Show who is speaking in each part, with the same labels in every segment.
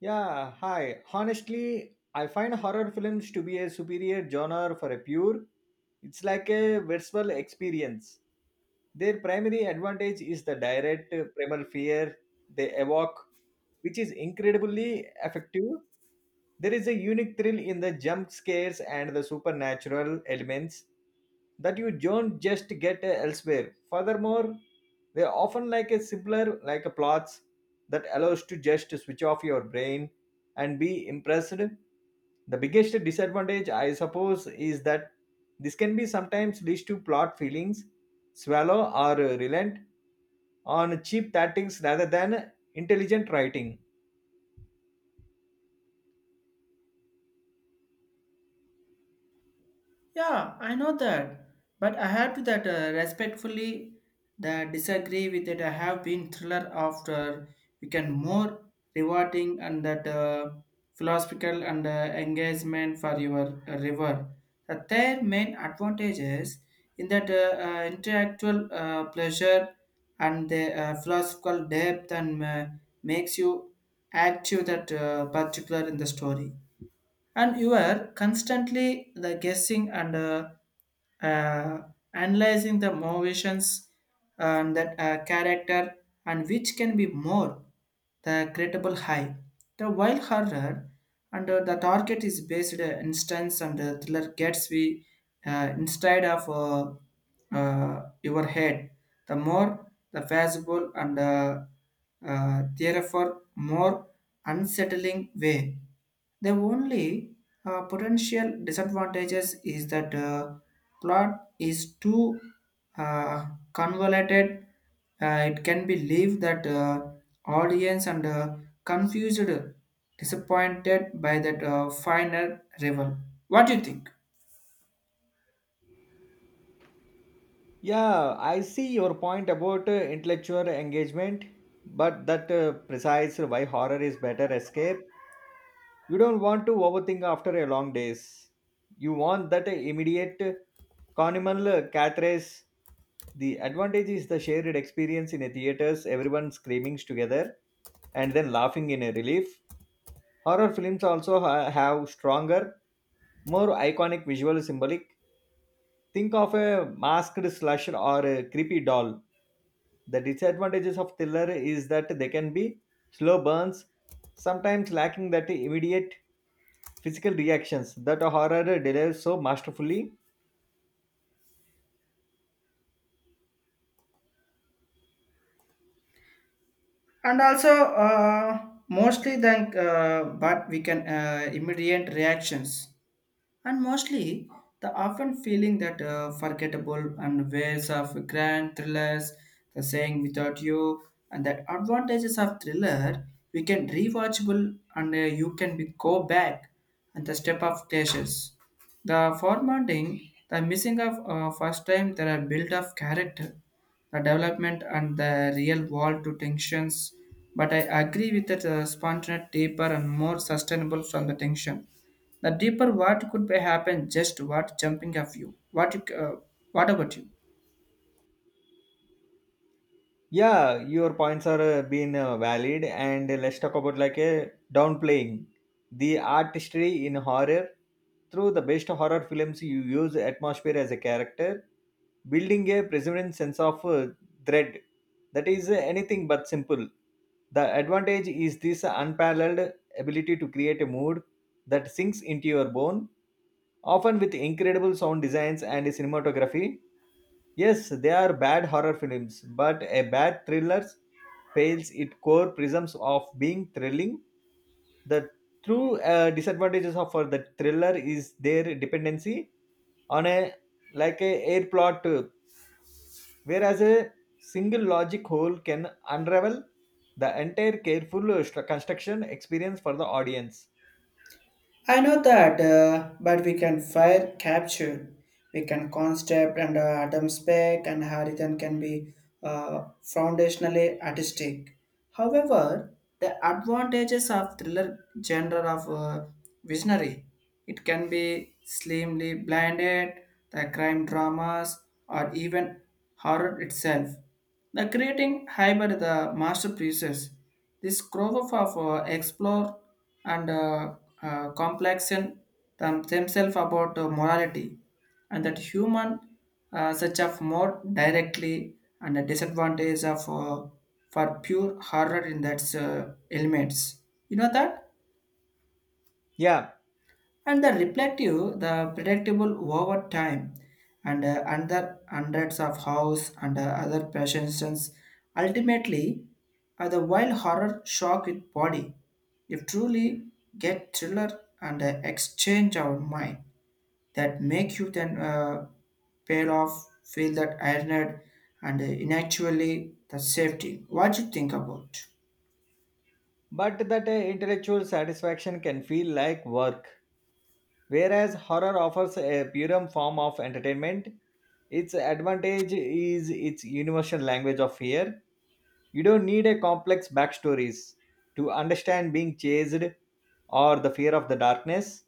Speaker 1: Yeah, hi. Honestly, I find horror films to be a superior genre for a pure. It's like a virtual experience. Their primary advantage is the direct primal fear they evoke, which is incredibly effective. There is a unique thrill in the jump scares and the supernatural elements that you don't just get elsewhere. Furthermore, they are often like a simpler like a plots that allows to just switch off your brain and be impressed. The biggest disadvantage, I suppose, is that this can be sometimes leads to plot feelings, swallow or relent, on cheap tactics rather than intelligent writing.
Speaker 2: Yeah, I know that, but I have to that respectfully that disagree with it. I have been thriller after we can more rewarding and that philosophical and engagement for your river. The third main advantages in that intellectual pleasure and the philosophical depth and makes you active that particular in the story, and you are constantly the guessing and uh, analyzing the motivations and that character, and which can be more the credible high the wild horror and the target is based instance, and the thriller gets we inside of your head the more the feasible and therefore more unsettling way. The only potential disadvantages is that plot is too uh, convoluted. It can be leave that audience and confused, disappointed by that final revel. What do you think?
Speaker 1: Yeah, I see your point about intellectual engagement, but that precise why horror is better escape. You don't want to overthink after a long days. You want that immediate communal catharsis. The advantage is the shared experience in a theaters, everyone screaming together and then laughing in a relief. Horror films also have stronger, more iconic visual symbolic. Think of a masked slasher or a creepy doll. The disadvantages of thriller is that they can be slow burns, sometimes lacking that immediate physical reactions that a horror delivers so masterfully.
Speaker 2: And also mostly than but we can immediate reactions and mostly the often feeling that forgettable and ways of grand thrillers the saying without you and that advantages of thriller we can rewatchable and you can be go back and the step of dashes the formatting the missing of first time there are build of character the development and the real world to tensions. But I agree with that spontaneous, deeper, and more sustainable from the tension. The deeper what could be happen, just what jumping of you. What you, what about you?
Speaker 1: Yeah, your points are been valid, and let's talk about like a downplaying the artistry in horror through the best horror films. You use atmosphere as a character, building a permanent sense of dread that is anything but simple. The advantage is this unparalleled ability to create a mood that sinks into your bone, often with incredible sound designs and cinematography. Yes, they are bad horror films, but a bad thriller fails its core prisms of being thrilling. The true disadvantages of for the thriller is their dependency on a like a air plot, whereas a single logic hole can unravel the entire careful construction experience for the audience.
Speaker 2: I know that, but we can fire capture. We can concept and Adam spec and Harriton can be foundationally artistic. However, the advantages of thriller genre of visionary, it can be slimly blinded, the crime dramas or even horror itself. The creating hybrid the masterpieces, this growth of explore and complexion themselves about morality and that human such of more directly and the disadvantage of for pure horror in that elements. You know that?
Speaker 1: Yeah,
Speaker 2: And the reflective the predictable over time and under hundreds of house and other patients ultimately the wild horror shock with body if truly get thriller and exchange our mind that make you then pale off feel that ironed and inactually the safety what you think about.
Speaker 1: but that intellectual satisfaction can feel like work. Whereas horror offers a purer form of entertainment, its advantage is its universal language of fear. You don't need a complex backstories to understand being chased or the fear of the darkness.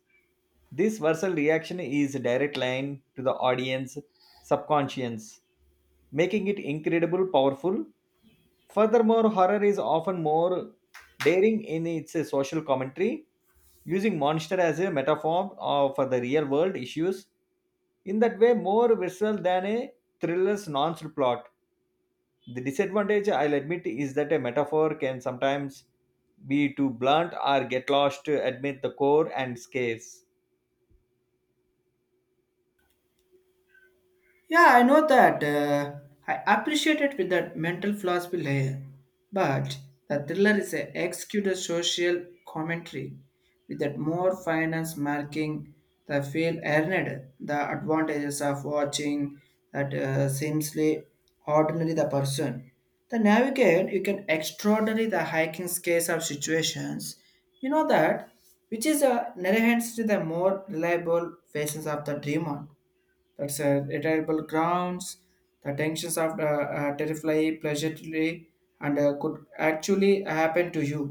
Speaker 1: This versatile reaction is a direct line to the audience subconscious, making it incredible powerful. Furthermore, horror is often more daring in its social commentary, using monster as a metaphor for the real world issues. In that way, more visceral than a thriller's nonce plot. The disadvantage, I'll admit, is that a metaphor can sometimes be too blunt or get lost to admit the core and scares.
Speaker 2: Yeah, I know that. I appreciate it with that mental philosophy layer. But the thriller is a executed social commentary with that more finance marking the feel earned, the advantages of watching that seemsly ordinary the person. The navigate you can extraordinary the hiking scales of situations. You know that which is a narrates to the more reliable faces of the dreamer, that's a retireable grounds the tensions of the terrify pleasure and could actually happen to you,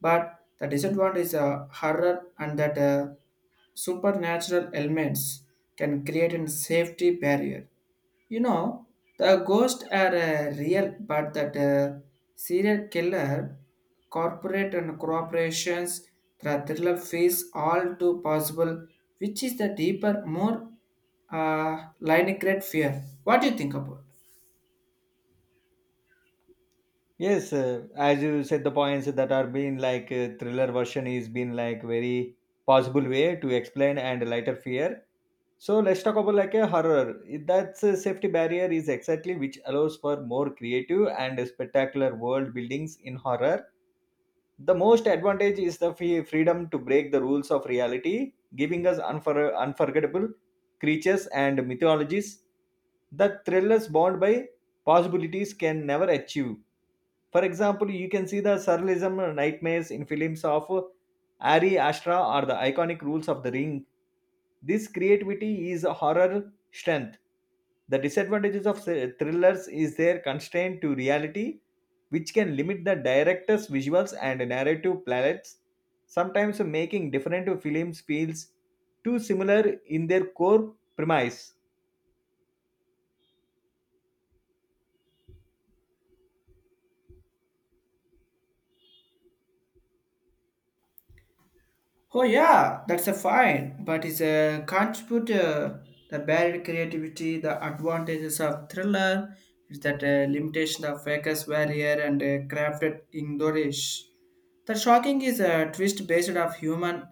Speaker 2: but the disadvantage is horror and that supernatural elements can create a safety barrier, you know, the ghosts are real, but that serial killer, corporate and corporations, the thriller face all too possible, which is the deeper, more line great fear. What do you think about?
Speaker 1: Yes, as you said, the points that are being like thriller version is been like very possible way to explain and lighter fear. So let's talk about like a horror. That's a safety barrier is exactly which allows for more creative and spectacular world buildings in horror, the most advantage is the free freedom to break the rules of reality, giving us unforgettable creatures and mythologies that thrillers bound by possibilities can never achieve. For example, you can see the surrealism nightmares in films of Ari Ashra or the iconic rules of the ring. This creativity is a horror strength. The disadvantages of thrillers is their constraint to reality which can limit the director's visuals and narrative palettes, sometimes making different films feels too similar in their core premise.
Speaker 2: Oh yeah, that's a fine, but it's a contributor. The barrier creativity, the advantages of thriller, is that limitation of focus barrier and crafted English. The shocking is a twist based of human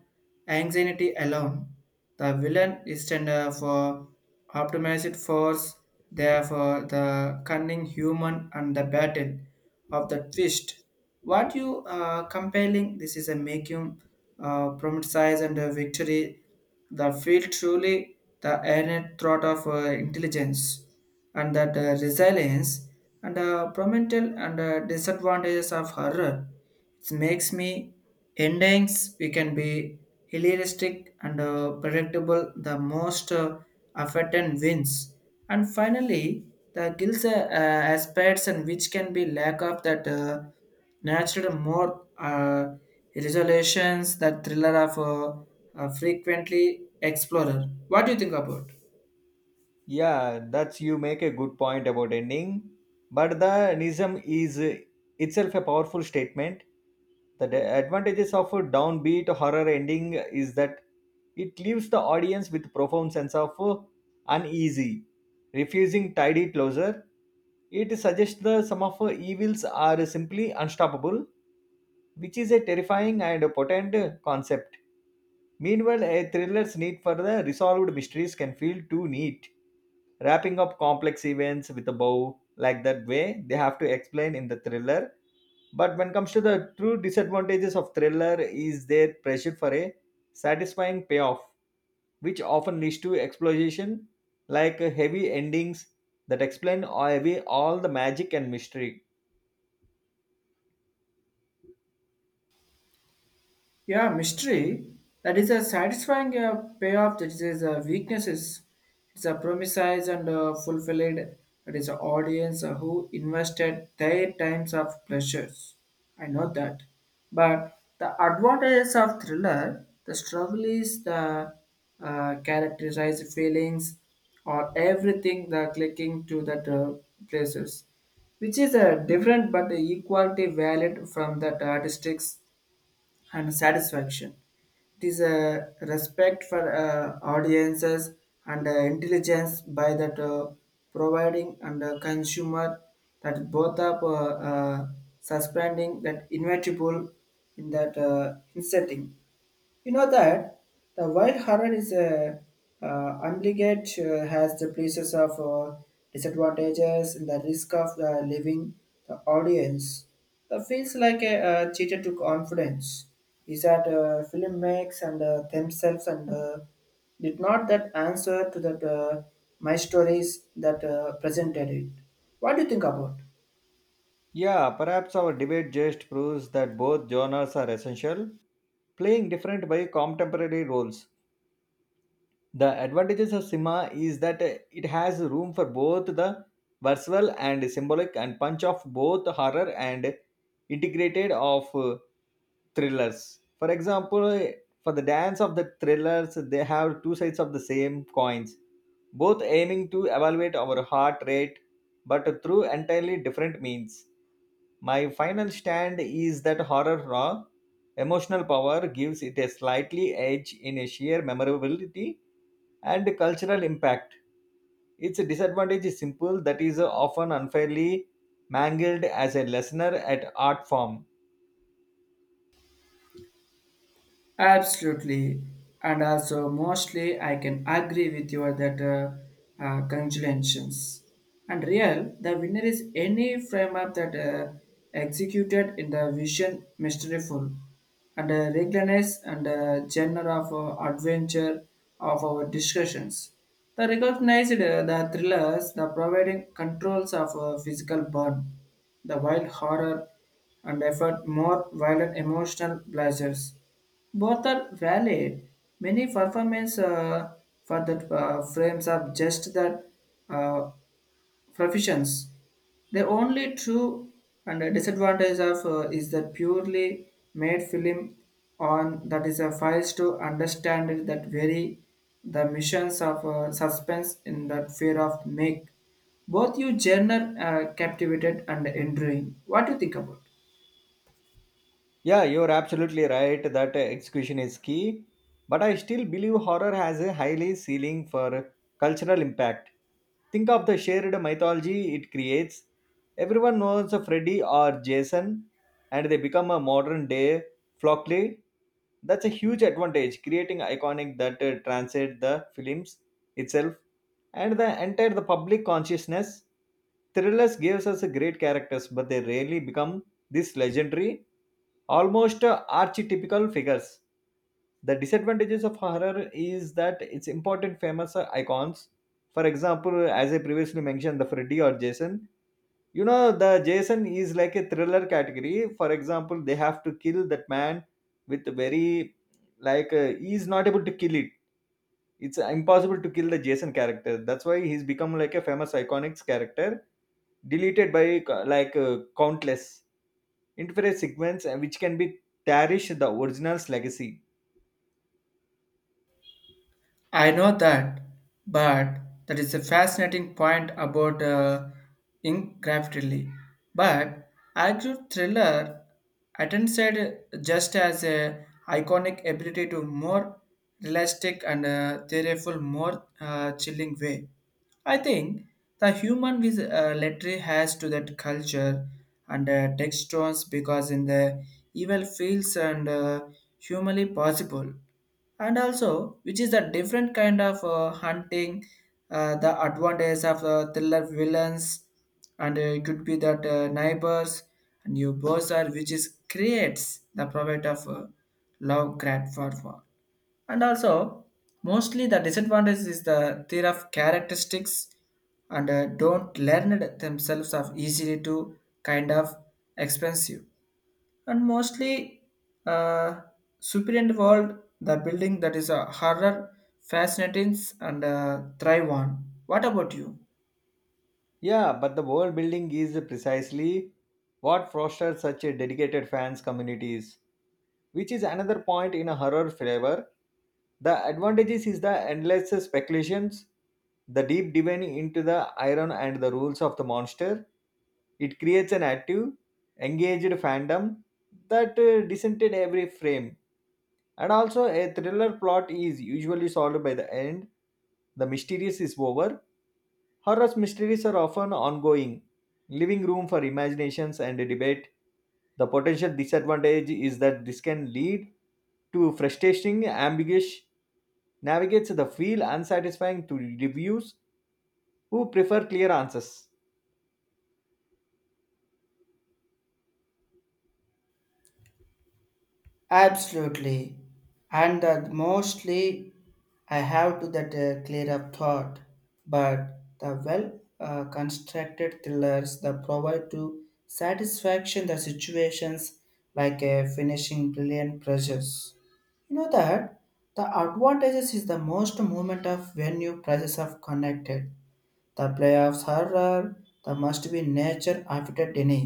Speaker 2: anxiety alone. The villain is tender for optimized force therefore, the cunning human and the battle of the twist. What you are compelling, this is a making size and a victory. The field truly the earned thought of intelligence and that resilience and promental and disadvantages of horror. It makes me endings we can be heuristic and predictable the most affected wins and finally the guilds aspects and which can be lack of that natural more resolutions that thriller of frequently explorer what do you think about.
Speaker 1: Yeah, that's you make a good point about ending, but the nism is itself a powerful statement. The advantages of a downbeat horror ending is that it leaves the audience with profound sense of uneasy, refusing tidy closure. It suggests that some of evils are simply unstoppable, which is a terrifying and potent concept. Meanwhile, a thriller's need for the resolved mysteries can feel too neat, wrapping up complex events with a bow like that way they have to explain in the thriller. But when it comes to the true disadvantages of thriller is their pressure for a satisfying payoff, which often leads to explosion like heavy endings that explain away all the magic and mystery.
Speaker 2: Yeah, mystery. That is a satisfying payoff. That is a weaknesses. It's a promises and fulfilled. That is an audience who invested their times of pleasures. I know that. But the advantages of thriller, the struggle is the characterized feelings or everything the clicking to that places, which is a different but equally valid from that artistics and satisfaction. It is a respect for audiences and intelligence by that providing and consumer that both are suspending that inevitable in that insetting. You know that the wild horror is a uh, obligate has the places of disadvantages and the risk of leaving the audience. That feels like a, cheater to confidence. Is that film makes and themselves and did not that answer to that my stories that presented it. What do you think about?
Speaker 1: Yeah, perhaps our debate just proves that both genres are essential, playing different but contemporary roles. The advantages of cinema is that it has room for both the versatile and symbolic and punch of both horror and integrated of thrillers. For example, for the dance of the thrillers, they have two sides of the same coins, both aiming to evaluate our heart rate, but through entirely different means. My final stand is that horror raw emotional power gives it a slightly edge in a sheer memorability and cultural impact. Its disadvantage is simple that is often unfairly mangled as a lesser at art form.
Speaker 2: Absolutely, and also mostly I can agree with you that congratulations. And real, the winner is any frame up that executed in the vision masterful and regularness and genre of adventure of our discussions. The recognized the thrillers, the providing controls of physical burn, the wild horror and effort more violent emotional pleasures both are valid. Many performance for that frames of just that uh, professions. The only true and a disadvantage of is that purely made film on that is a files to understand it that very the missions of suspense in that fear of make both you journal captivated and enduring. What do you think about?
Speaker 1: Yeah, you're absolutely right that execution is key, but I still believe horror has a highly ceiling for cultural impact. Think of the shared mythology it creates. Everyone knows a Freddy or Jason, and they become a modern day flockley. That's a huge advantage, creating iconic that transcend the films itself and the entire the public consciousness. Thrillers gives us a great characters, but they rarely become these legendary, almost archetypical figures. The disadvantages of horror is that it's important famous icons. For example, as I previously mentioned, the Freddy or Jason. You know, the Jason is like a thriller category. For example, they have to kill that man with very like he is not able to kill it. It's impossible to kill the Jason character. That's why he's become like a famous iconic character, deleted by like countless interface segments which can be tarnish the original's legacy.
Speaker 2: I know that, but that is a fascinating point about ink graffiti. But Agro Thriller attended just as a iconic ability to more realistic and theoretical, more chilling way. I think the human with literary has to that culture and textures because in the evil fields and humanly possible and also which is a different kind of hunting the advantage of thriller villains and it could be that neighbors and new boss are which is creates the profit of love grant for war and also mostly the disadvantage is the theory of characteristics and don't learn it themselves of easily to kind of expensive and mostly uh, superior world, the building that is a horror, fascinating, and thrive on. What about you?
Speaker 1: Yeah, but the world building is precisely what fosters such a dedicated fans communities, which is another point in a horror flavor. The advantages is the endless speculations, the deep diving into the iron and the rules of the monster. It creates an active, engaged fandom that dissented every frame. And also, a thriller plot is usually solved by the end. The mysterious is over. Horror mysteries are often ongoing, leaving room for imaginations and debate. The potential disadvantage is that this can lead to frustrating, ambiguous navigates the feel unsatisfying to reviews who prefer clear answers.
Speaker 2: Absolutely. And that mostly I have to that clear up thought, but the well constructed thrillers that provide to satisfaction the situations like a finishing brilliant pressures. You know that the advantages is the most movement of when you prices are connected. The playoffs horror, the must be nature after dinner.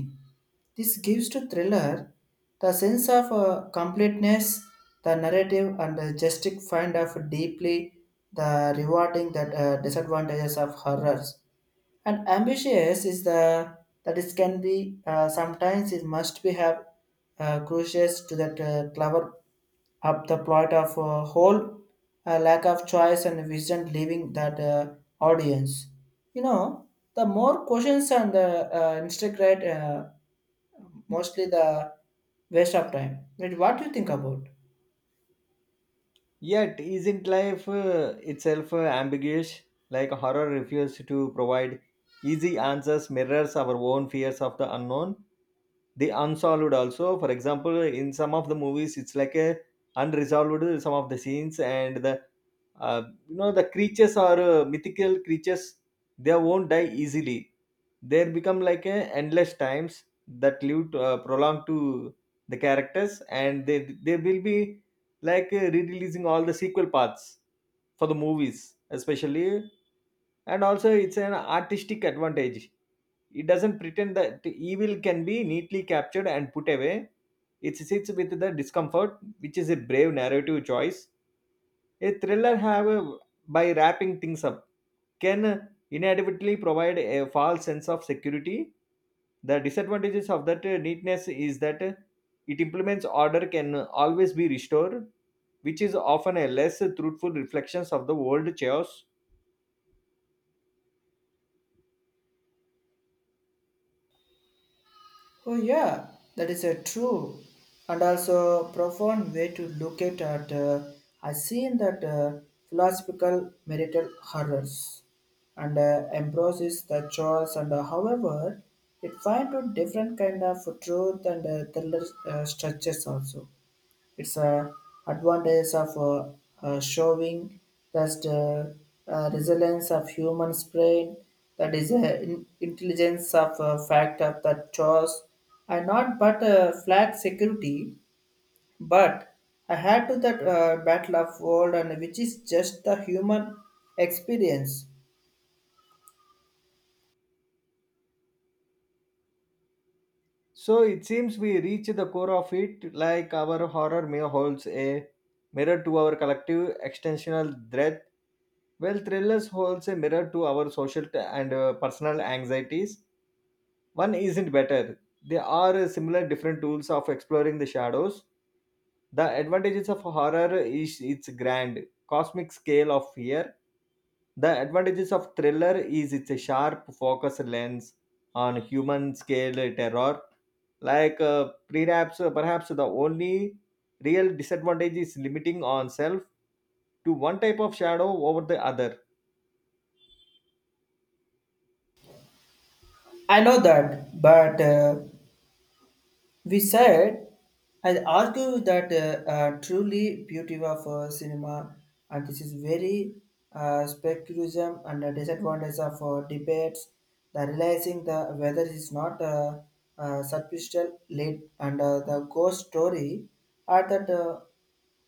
Speaker 2: This gives to thriller the sense of completeness, the narrative, and the justified find of deeply the rewarding that disadvantages of horrors. And ambitious is the that it can be sometimes it must be have crucious to that clever up the plot of a whole lack of choice and vision leaving that audience. You know, the more questions and the instigate mostly the waste of time. But what do you think about?
Speaker 1: Yet, isn't life itself ambiguous? Like horror refuses to provide easy answers, mirrors our own fears of the unknown the unsolved, also for example in some of the movies it's like a unresolved some of the scenes and the uh, you know the creatures are mythical creatures, they won't die easily, they become like a endless times that live to, prolong to the characters and they will be like re-releasing all the sequel parts for the movies especially, and also it's an artistic advantage, it doesn't pretend that evil can be neatly captured and put away. It sits with the discomfort, which is a brave narrative choice. A thriller, however, by wrapping things up, can inevitably provide a false sense of security. The disadvantages of that neatness is that it implements order can always be restored, which is often a less truthful reflection of the old chaos.
Speaker 2: Oh yeah, that is a true and also profound way to look at. I seen that philosophical marital horrors and embraces the choice and however it finds a different kind of truth and thriller structures also. It's a advantage of showing that resilience of human brain, that is intelligence of fact of the choice, and not but flag security, but I had to that battle of world and which is just the human experience.
Speaker 1: So it seems we reach the core of it, like our horror mirror holds a mirror to our collective extensional dread, while thrillers holds a mirror to our social and personal anxieties. One isn't better; they are similar, different tools of exploring the shadows. The advantages of horror is its grand cosmic scale of fear. The advantages of thriller is its sharp focus lens on human scale terror. Like perhaps the only real disadvantage is limiting oneself to one type of shadow over the other.
Speaker 2: I know that, but we said, I argue that truly beauty of cinema, and this is very specularism and the disadvantage of debates, the realizing the whether it is not superficial lead and the ghost story, are that.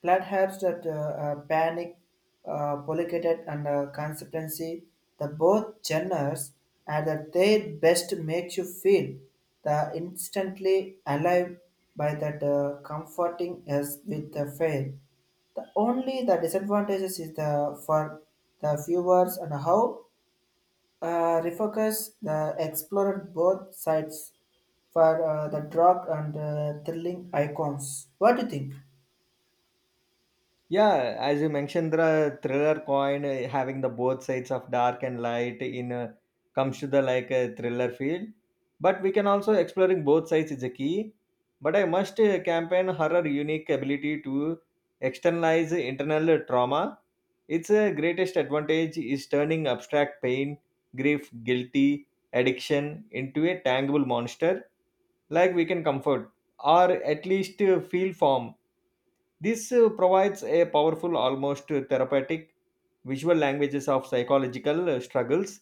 Speaker 2: Platt helps that Panic, Polycat and Consistency, the both genres are at their best makes you feel the instantly alive by that comforting as with the fail. The only the disadvantages is the for the viewers and how refocus the explored both sides for the drug and thrilling icons. What do you think?
Speaker 1: Yeah, as you mentioned, the thriller coin having the both sides of dark and light in comes to the like thriller field. But we can also exploring both sides is a key. But I must campaign horror unique ability to externalize internal trauma. Its greatest advantage is turning abstract pain, grief, guilty, addiction into a tangible monster like we can comfort or at least feel form. This provides a powerful, almost therapeutic visual languages of psychological struggles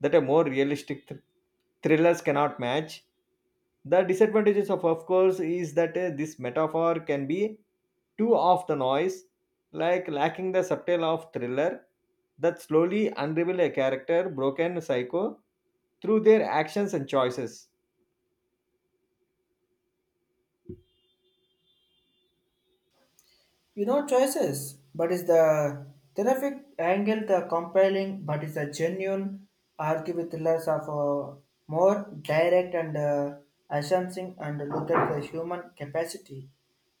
Speaker 1: that a more realistic thrillers cannot match. The disadvantages of course, is that this metaphor can be too off the noise, like lacking the subtle of thriller that slowly unravel a character broken psycho through their actions and choices.
Speaker 2: You know choices, but is the terrific angle the compelling, but is a genuine argue with less of a more direct and assuming and look at the human capacity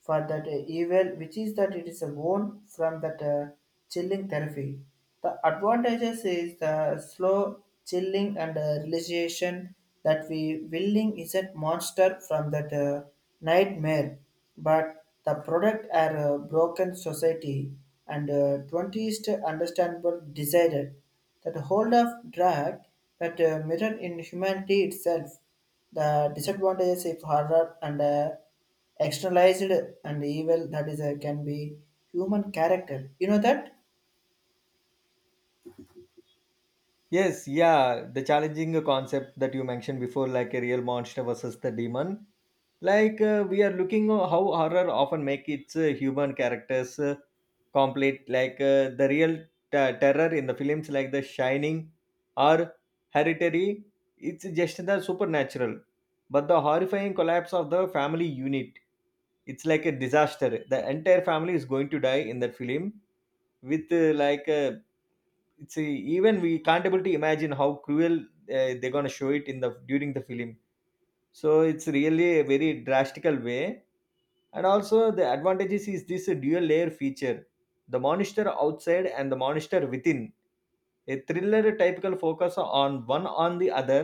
Speaker 2: for that evil, which is that it is a born from that chilling therapy. The advantages is the slow chilling and realization that we willing is a monster from that nightmare but the product are a broken society and 20th understandable decided that the hold of drug that mirror in humanity itself the disadvantages if horror and externalized and evil that is can be human character you know that.
Speaker 1: Yes, yeah, the challenging concept that you mentioned before, like a real monster versus the demon. Like we are looking how horror often make its human characters complete, like the real terror in the films like The Shining or Hereditary. It's just the supernatural, but the horrifying collapse of the family unit, it's like a disaster the entire family is going to die in that film with it's a, even we can't able to imagine how cruel they're going to show it in the during the film, so it's really a very drastical way, and also the advantages is this dual layer feature, the monitor outside and the monitor within, a thriller typical focus on one on the other,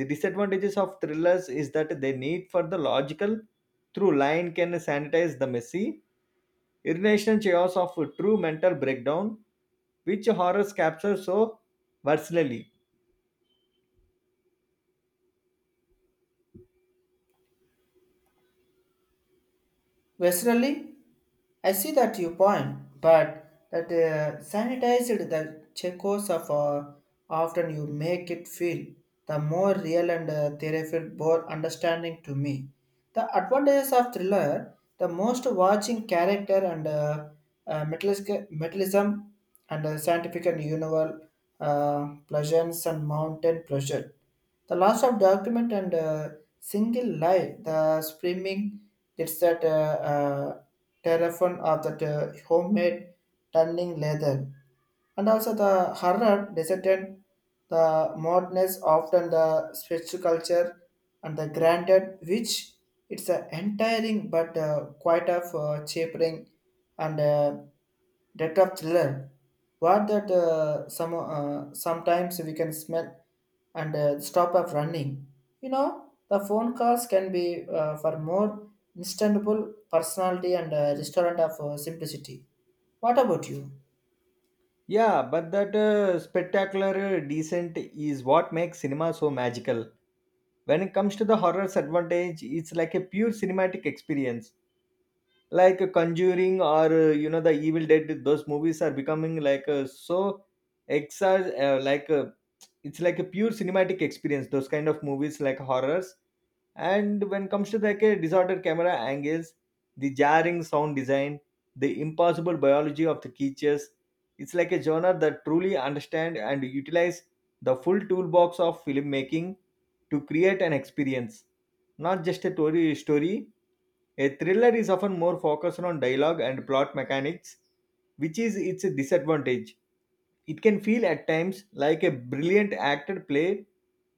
Speaker 1: the disadvantages of thrillers is that they need for the logical through line can sanitize the messy irrational chaos of true mental breakdown which horrors capture so versatily.
Speaker 2: Westerly, I see that you point, but that sanitized the Checos of often you make it feel the more real and theoretical, more understanding to me. The advantages of thriller, the most watching character and metallism and scientific and universal pleasures and mountain pleasure. The loss of document and single lie, the screaming, it's that telephone of that homemade turning leather. And also the horror descendant, the moderness often the spiritual culture and the granted which it's an entiring but quite of chapering and depth of thriller. What that some sometimes we can smell and stop of running. You know the phone calls can be for more instantable personality and a restaurant of simplicity. What about you?
Speaker 1: Yeah, but that spectacular decent is what makes cinema so magical. When it comes to the horror's advantage, it's like a pure cinematic experience. Like Conjuring or you know the Evil Dead, those movies are becoming like so exa like it's like a pure cinematic experience, those kind of movies like horrors, and when comes to like a disordered camera angles, the jarring sound design, the impossible biology of the creatures, it's like a genre that truly understand and utilize the full toolbox of filmmaking to create an experience, not just a story. A thriller is often more focused on dialogue and plot mechanics, which is its disadvantage. It can feel at times like a brilliant acted play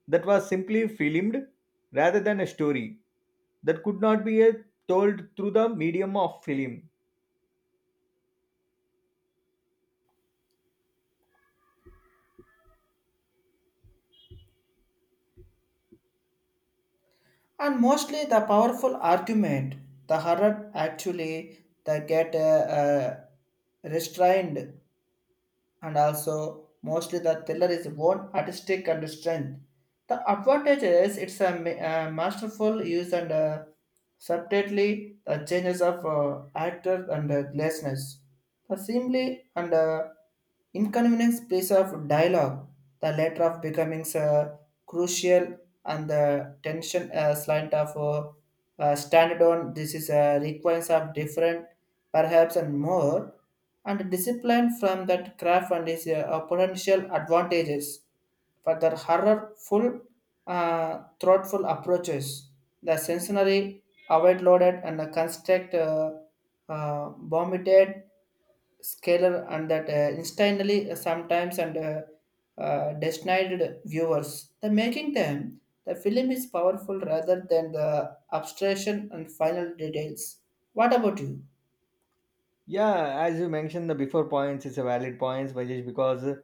Speaker 1: that was simply filmed rather than a story that could not be told through the medium of film.
Speaker 2: And mostly the powerful argument, the horror actually they get restrained and also mostly the thriller is own artistic and strength. The advantage is it's a masterful use and subtly the changes of actor and glassness. The simply and inconvenience piece of dialogue, the latter of becoming crucial and the tension slant of standard on. This is a requirements of different, perhaps and more and discipline from that craft and its potential advantages for their horror full uh, thoughtful approaches the sensory avoid loaded and the construct uh, vomited scalar and that instantly sometimes and destined viewers the making them the film is powerful rather than the abstraction and final details what about you.
Speaker 1: Yeah, as you mentioned, the before points is a valid points, Vajesh, because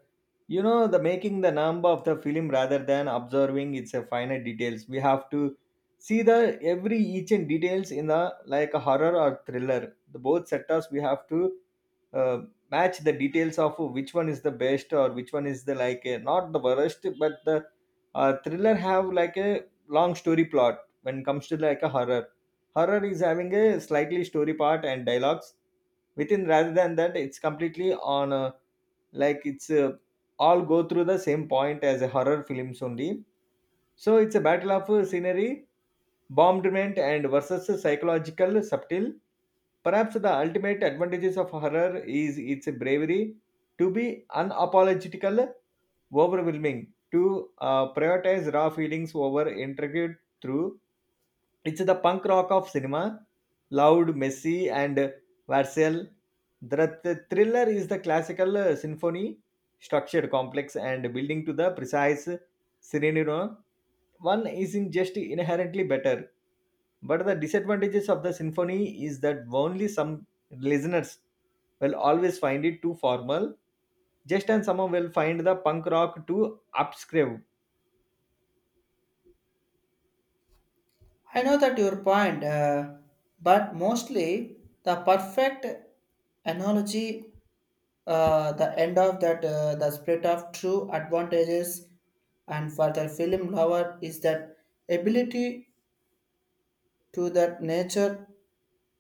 Speaker 1: you know the making the number of the film rather than observing its a finite details. We have to see the every each and details in the like a horror or thriller. The both sectors we have to uh, match the details of which one is the best or which one is the like not the worst but the thriller have like a long story plot when it comes to like a horror, horror is having a slightly story part and dialogues within rather than that it's completely on a, like it's all go through the same point as a horror films only, so it's a battle of scenery bombardment and versus psychological subtle, perhaps the ultimate advantages of horror is its bravery to be unapologetical overwhelming to prioritize raw feelings over intricate through, it's the punk rock of cinema, loud, messy, and visceral. The thriller is the classical symphony, structured, complex, and building to the precise scenario. One isn't just inherently better, but the disadvantages of the symphony is that only some listeners will always find it too formal, just and someone will find the punk rock too obscure.
Speaker 2: I know that your point, but mostly the perfect analogy, the end of that, the split of true advantages, and for the film lover is that ability to that nature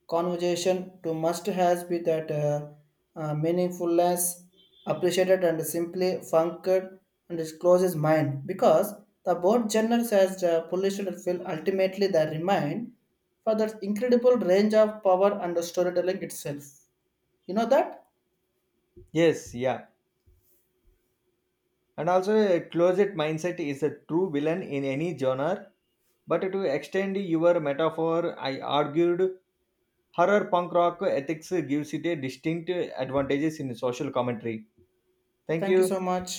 Speaker 2: conversation to must has be that meaningfulness appreciated and simply funked and discloses mind because the both genres has polished and filled ultimately the remain for that incredible range of power and storytelling itself, you know that.
Speaker 1: Yes, yeah. And also, a closet mindset is a true villain in any genre. But to extend your metaphor, I argued horror punk rock ethics gives it a distinct advantages in social commentary. Thank
Speaker 2: Thank you
Speaker 1: you.
Speaker 2: so much.